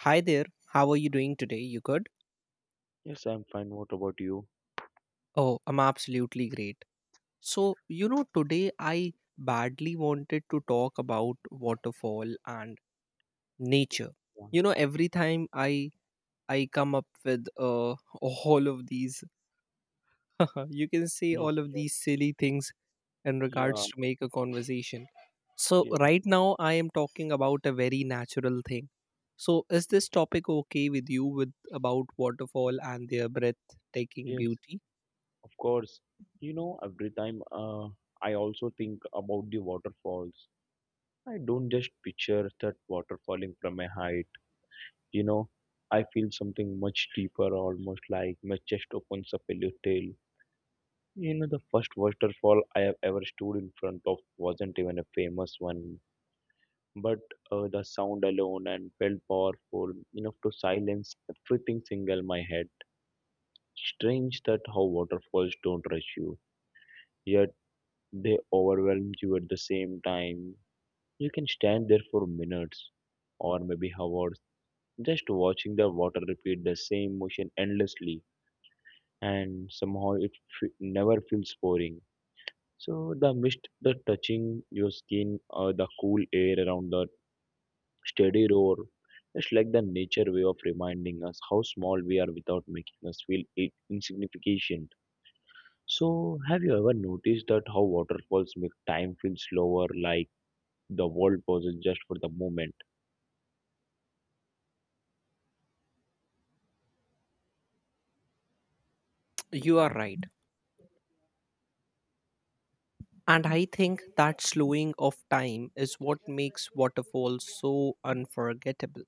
Hi there, how are you doing today? You good? Yes, I'm fine. What about you? Oh, I'm absolutely great. So, you know, today I badly wanted to talk about waterfall and nature. Yeah. You know, every time I come up with all of these, you can say Yes, all of these yes. silly things in Yeah, regards to make a conversation. So, yes, right now I am talking about a very natural thing. So, is this topic okay with you with about waterfall and their breathtaking yes. beauty? Of course. You know, every time I also think about the waterfalls. I don't just picture that water falling from a height. You know, I feel something much deeper, almost like my chest opens up a little. You know, the first waterfall I have ever stood in front of wasn't even a famous one. But the sound alone and felt powerful enough to silence everything single in my head. Strange that how waterfalls don't rush you, yet they overwhelm you at the same time. You can stand there for minutes or maybe hours just watching the water repeat the same motion endlessly, and somehow it never feels boring. So the mist, the touching your skin, the cool air around the steady roar. It's like the nature way of reminding us how small we are without making us feel insignificant. So, have you ever noticed that how waterfalls make time feel slower, like the world pauses just for the moment? You are right. And I think that slowing of time is what makes waterfalls so unforgettable.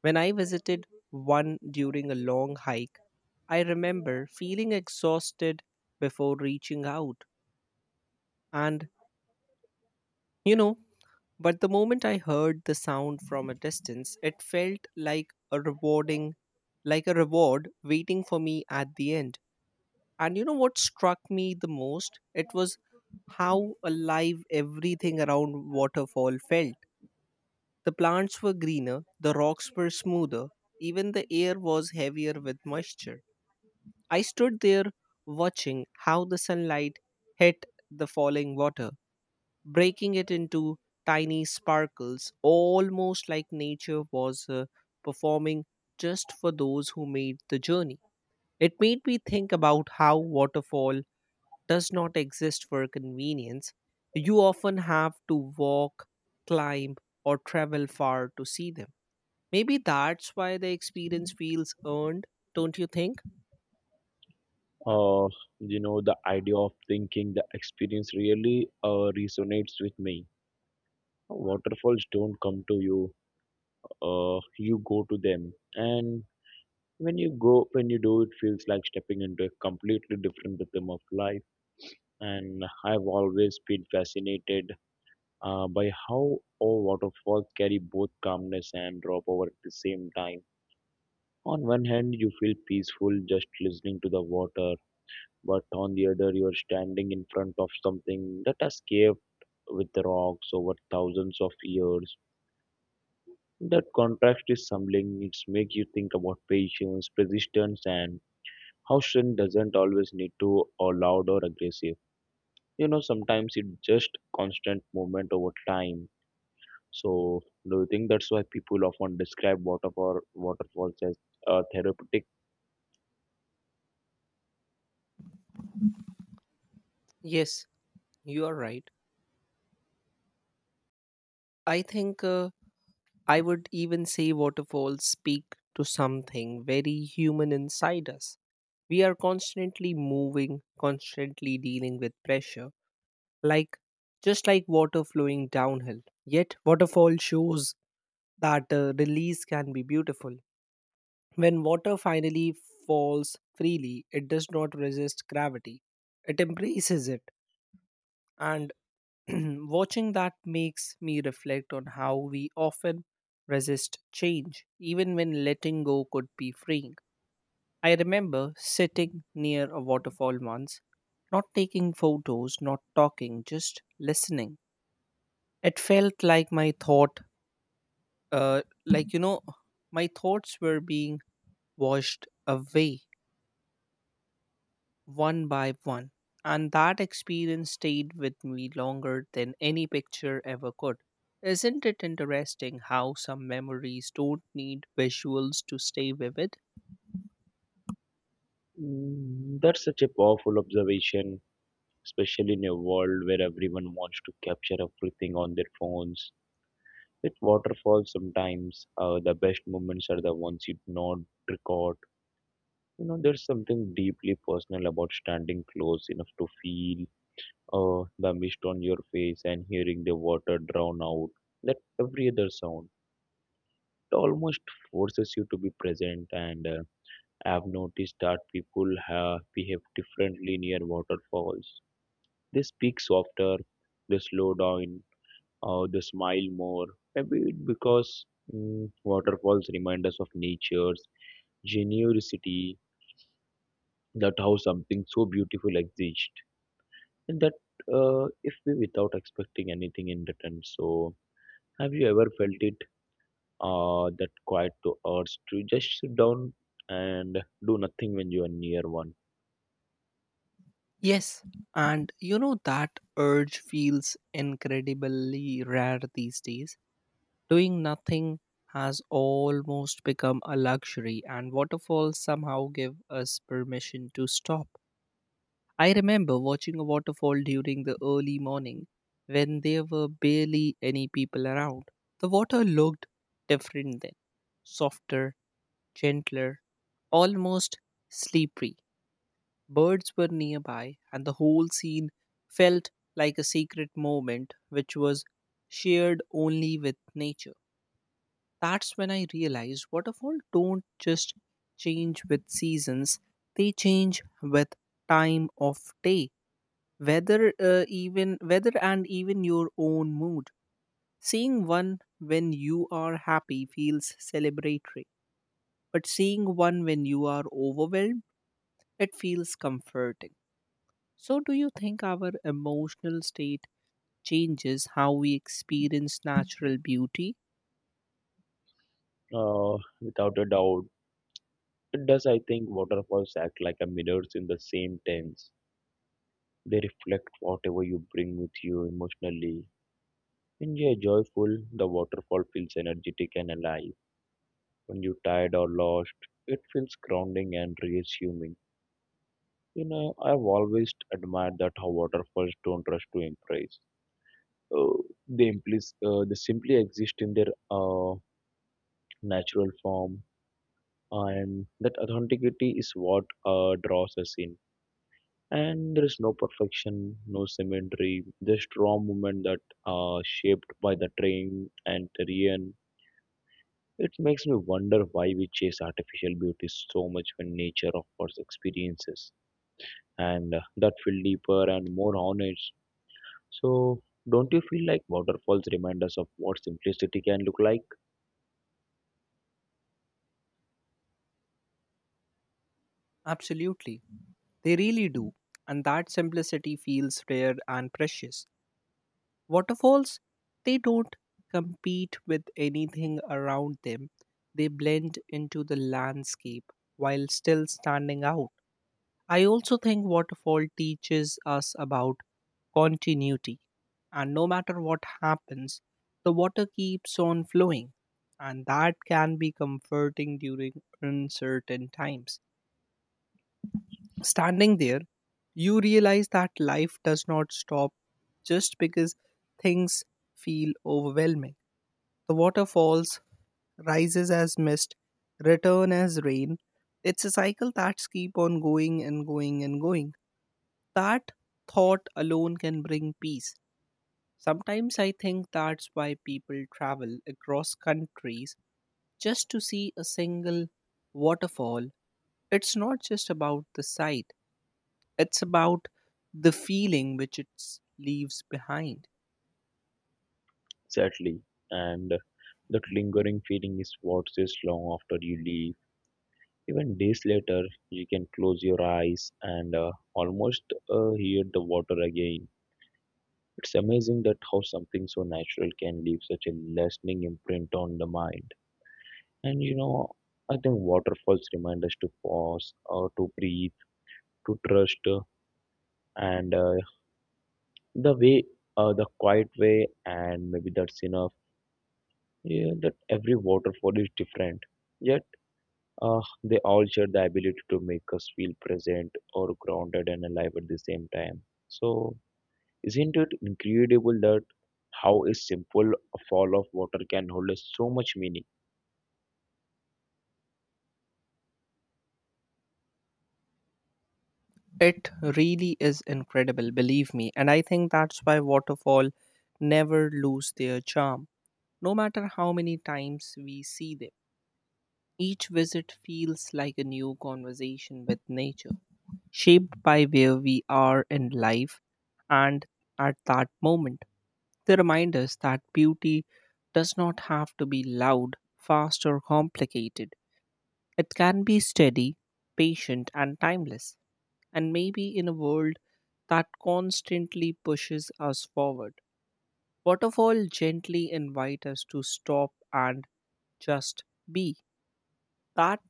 When I visited one during a long hike, I remember feeling exhausted before reaching out. And, you know, but the moment I heard the sound from a distance, it felt like a rewarding, like a reward waiting for me at the end. And you know what struck me the most? It was how alive everything around waterfall felt. The plants were greener, the rocks were smoother, even the air was heavier with moisture. I stood there watching how the sunlight hit the falling water, breaking it into tiny sparkles, almost like nature was performing just for those who made the journey. It made me think about how waterfall does not exist for convenience. You often have to walk, climb, or travel far to see them. Maybe that's why the experience feels earned, don't you think? Uh, the idea of thinking the experience really resonates with me. Waterfalls don't come to you, you go to them. And when you do, it feels like stepping into a completely different rhythm of life. And I've always been fascinated by how all waterfalls carry both calmness and drop over at the same time. On one hand, you feel peaceful just listening to the water, but on the other, you are standing in front of something that has caved with rocks over thousands of years. That contrast is humbling. It makes you think about patience, persistence, and how strength doesn't always need to or loud or aggressive. Sometimes it's just constant movement over time. So do you think that's why people often describe waterfalls as therapeutic? Yes, you are right. I think I would even say waterfalls speak to something very human inside us. We are constantly moving, constantly dealing with pressure, like just like water flowing downhill. Yet waterfall shows that release can be beautiful. When water finally falls freely, it does not resist gravity. It embraces it. And watching that makes me reflect on how we often resist change, even when letting go could be freeing. I remember sitting near a waterfall once, not taking photos, not talking, just listening. It felt like my thought, uh, like, you know, my thoughts were being washed away one by one. And that experience stayed with me longer than any picture ever could. Isn't it interesting how some memories don't need visuals to stay vivid? Mm, that's such a powerful observation, especially in a world where everyone wants to capture everything on their phones. With waterfalls, sometimes the best moments are the ones you do not record. You know, there's something deeply personal about standing close enough to feel the mist on your face and hearing the water drown out that every other sound. Almost forces you to be present. And I've noticed that people have behave differently near waterfalls. They speak softer, they slow down, or they smile more. Maybe it because waterfalls remind us of nature's generosity, that how something so beautiful exists, and that if we without expecting anything in return. So, have you ever felt it? That quiet to urge to just sit down and do nothing when you are near one. Yes. And you know, that urge feels incredibly rare these days. Doing nothing has almost become a luxury, and waterfalls somehow give us permission to stop. I remember watching a waterfall during the early morning when there were barely any people around. The water looked different then, softer, gentler, almost sleepy. Birds were nearby, and the whole scene felt like a secret moment which was shared only with nature. That's when I realized waterfall don't just change with seasons, they change with time of day, weather even weather and even your own mood. Seeing one when you are happy feels celebratory, but seeing one when you are overwhelmed, it feels comforting. So do you think our emotional state changes how we experience natural beauty? Without a doubt, it does. I think waterfalls act like a mirrors in the same tense. They reflect whatever you bring with you emotionally. When you are joyful, the waterfall feels energetic and alive. When you're tired or lost, it feels grounding and reassuming. You know, I've always admired that how waterfalls don't rush to impress. uh, they simply exist in their natural form, and that authenticity is what draws us in. And there is no perfection, no symmetry, just raw movement that are shaped by the train and terrain. It makes me wonder why we chase artificial beauty so much when nature offers experiences, and that feel deeper and more honest. So don't you feel like waterfalls remind us of what simplicity can look like? Absolutely. They really do, and that simplicity feels rare and precious. Waterfalls, they don't compete with anything around them, they blend into the landscape while still standing out. I also think waterfall teaches us about continuity, and no matter what happens, the water keeps on flowing, and that can be comforting during uncertain times. Standing there, you realize that life does not stop just because things feel overwhelming. The water falls, rises as mist, return as rain. It's a cycle that's keep on going and going and going. That thought alone can bring peace. Sometimes I think that's why people travel across countries just to see a single waterfall. It's not just about the sight. It's about the feeling which it leaves behind. Exactly. And that lingering feeling is what stays long after you leave. Even days later, you can close your eyes and almost hear the water again. It's amazing that how something so natural can leave such a lasting imprint on the mind. And you know, I think waterfalls remind us to pause, or to breathe, to trust, and the way, the quiet way, and maybe that's enough. Yeah, that every waterfall is different. Yet they all share the ability to make us feel present or grounded and alive at the same time. So, isn't it incredible that how a simple fall of water can hold us so much meaning? It really is incredible, believe me. And I think that's why waterfall never lose their charm, no matter how many times we see them. Each visit feels like a new conversation with nature, shaped by where we are in life and at that moment. They remind us that beauty does not have to be loud, fast, or complicated. It can be steady, patient, and timeless, and maybe in a world that constantly pushes us forward. Waterfall gently invite us to stop and just be. That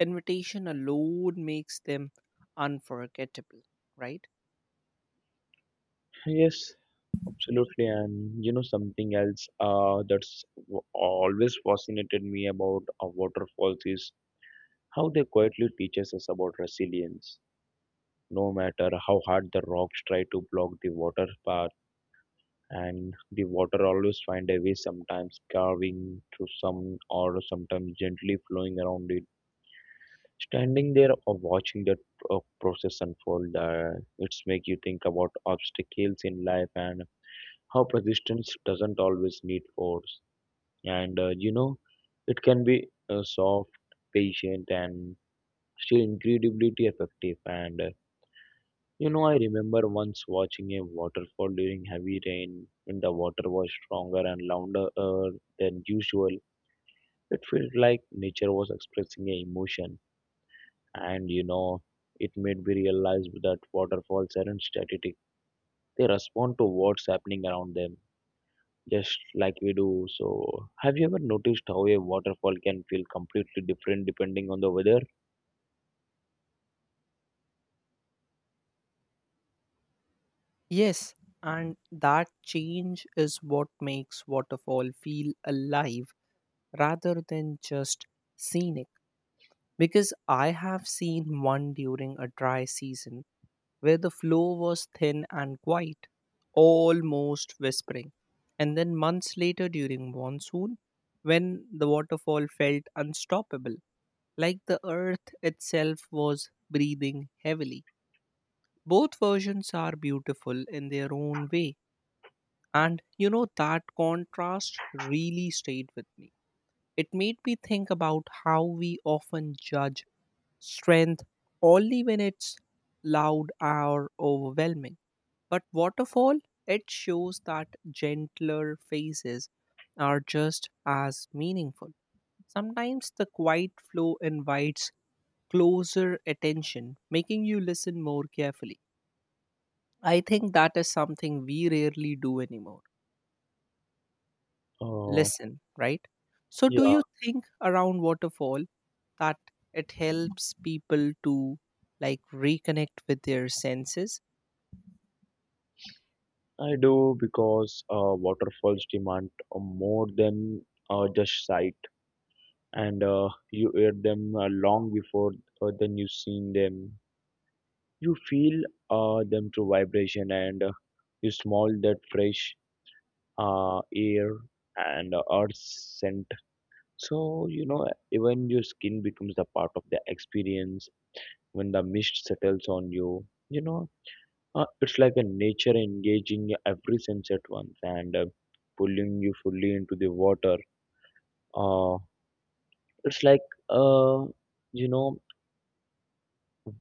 invitation alone makes them unforgettable, right? Yes, absolutely. And you know, something else always fascinated me about waterfalls is how they quietly teaches us about resilience. No matter how hard the rocks try to block the water path, and the water always find a way, sometimes carving through some or sometimes gently flowing around it. Standing there or watching that process unfold, it's make you think about obstacles in life and how persistence doesn't always need force. And it can be soft, patient, and still incredibly effective. And You know, I remember once watching a waterfall during heavy rain when the water was stronger and louder than usual. It felt like nature was expressing an emotion, and you know, it made me realize that waterfalls aren't static, they respond to what's happening around them, just like we do. So, have you ever noticed how a waterfall can feel completely different depending on the weather? Yes. And that change is what makes waterfall feel alive rather than just scenic. Because I have seen one during a dry season where the flow was thin and quiet, almost whispering. And then months later during monsoon, when the waterfall felt unstoppable, like the earth itself was breathing heavily. Both versions are beautiful in their own way. And you know, that contrast really stayed with me. It made me think about how we often judge strength only when it's loud or overwhelming. But waterfall, it shows that gentler phases are just as meaningful. Sometimes the quiet flow invites closer attention, making you listen more carefully. I think that is something we rarely do anymore. Uh, Listen, right? So, do yeah, you think around waterfall that it helps people to like reconnect with their senses? I do, because waterfalls demand more than just sight, and you hear them long before than you've seen them. You feel them through vibration, and you smell that fresh air and earth scent. So you know, even your skin becomes a part of the experience when the mist settles on you. You know, it's like a nature engaging every sense at once, and pulling you fully into the water. Uh, it's like uh, you know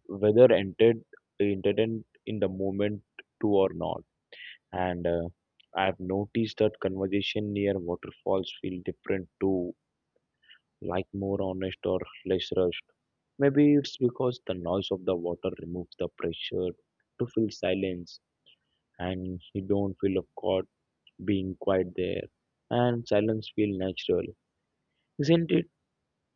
whether entered entertained in the moment to or not. And I've noticed that conversation near waterfalls feel different too, like more honest or less rushed. Maybe it's because the noise of the water removes the pressure to feel silence, and you don't feel caught being quiet there, and silence feel natural. Isn't it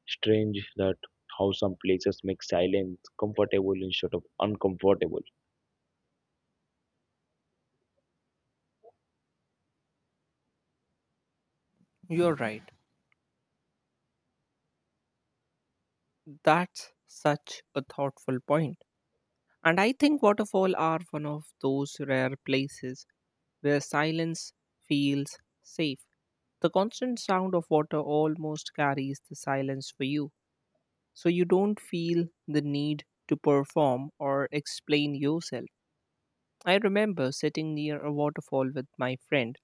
strange that how some places make silence comfortable instead of uncomfortable? You're right. That's such a thoughtful point. And I think waterfall are one of those rare places where silence feels safe. The constant sound of water almost carries the silence for you, so you don't feel the need to perform or explain yourself. I remember sitting near a waterfall with my friend,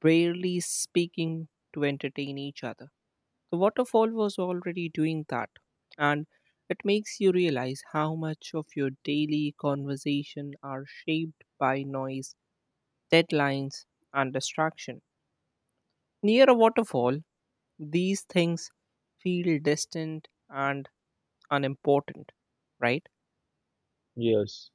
barely speaking to entertain each other. The waterfall was already doing that, and it makes you realize how much of your daily conversation are shaped by noise, deadlines, and distraction. Near a waterfall, these things feel distant and unimportant, right? Yes,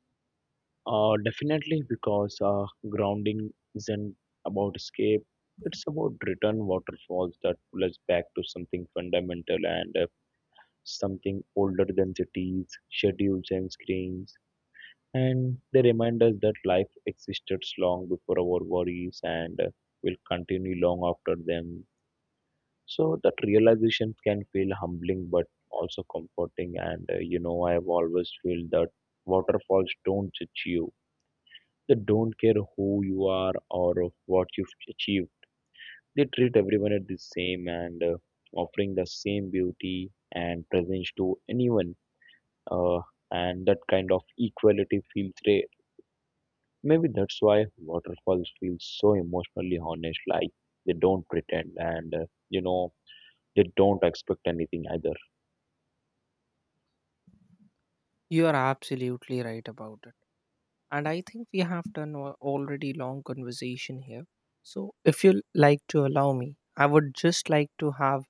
definitely, because grounding isn't about escape. It's about return. Waterfalls that pull us back to something fundamental, and something older than cities, schedules, and screens. And they remind us that life existed long before our worries, and will continue long after them. So that realization can feel humbling but also comforting. And you know, I have always felt that waterfalls don't judge you. They don't care who you are or what you've achieved. They treat everyone at the same, and offering the same beauty and presence to anyone. Uh, and that kind of equality feels rare. Maybe that's why waterfalls feel so emotionally honest, like they don't pretend, and they don't expect anything either. You are absolutely right about it. And I think we have done a already long conversation here. So if you like to allow me, I would just like to have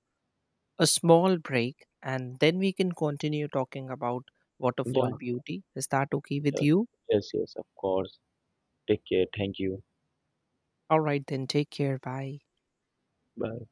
a small break and then we can continue talking about waterfall Yeah, beauty. Is that okay with yes, you? yes, yes, of course. Take care. Thank you. All right, then take care. Bye. Bye.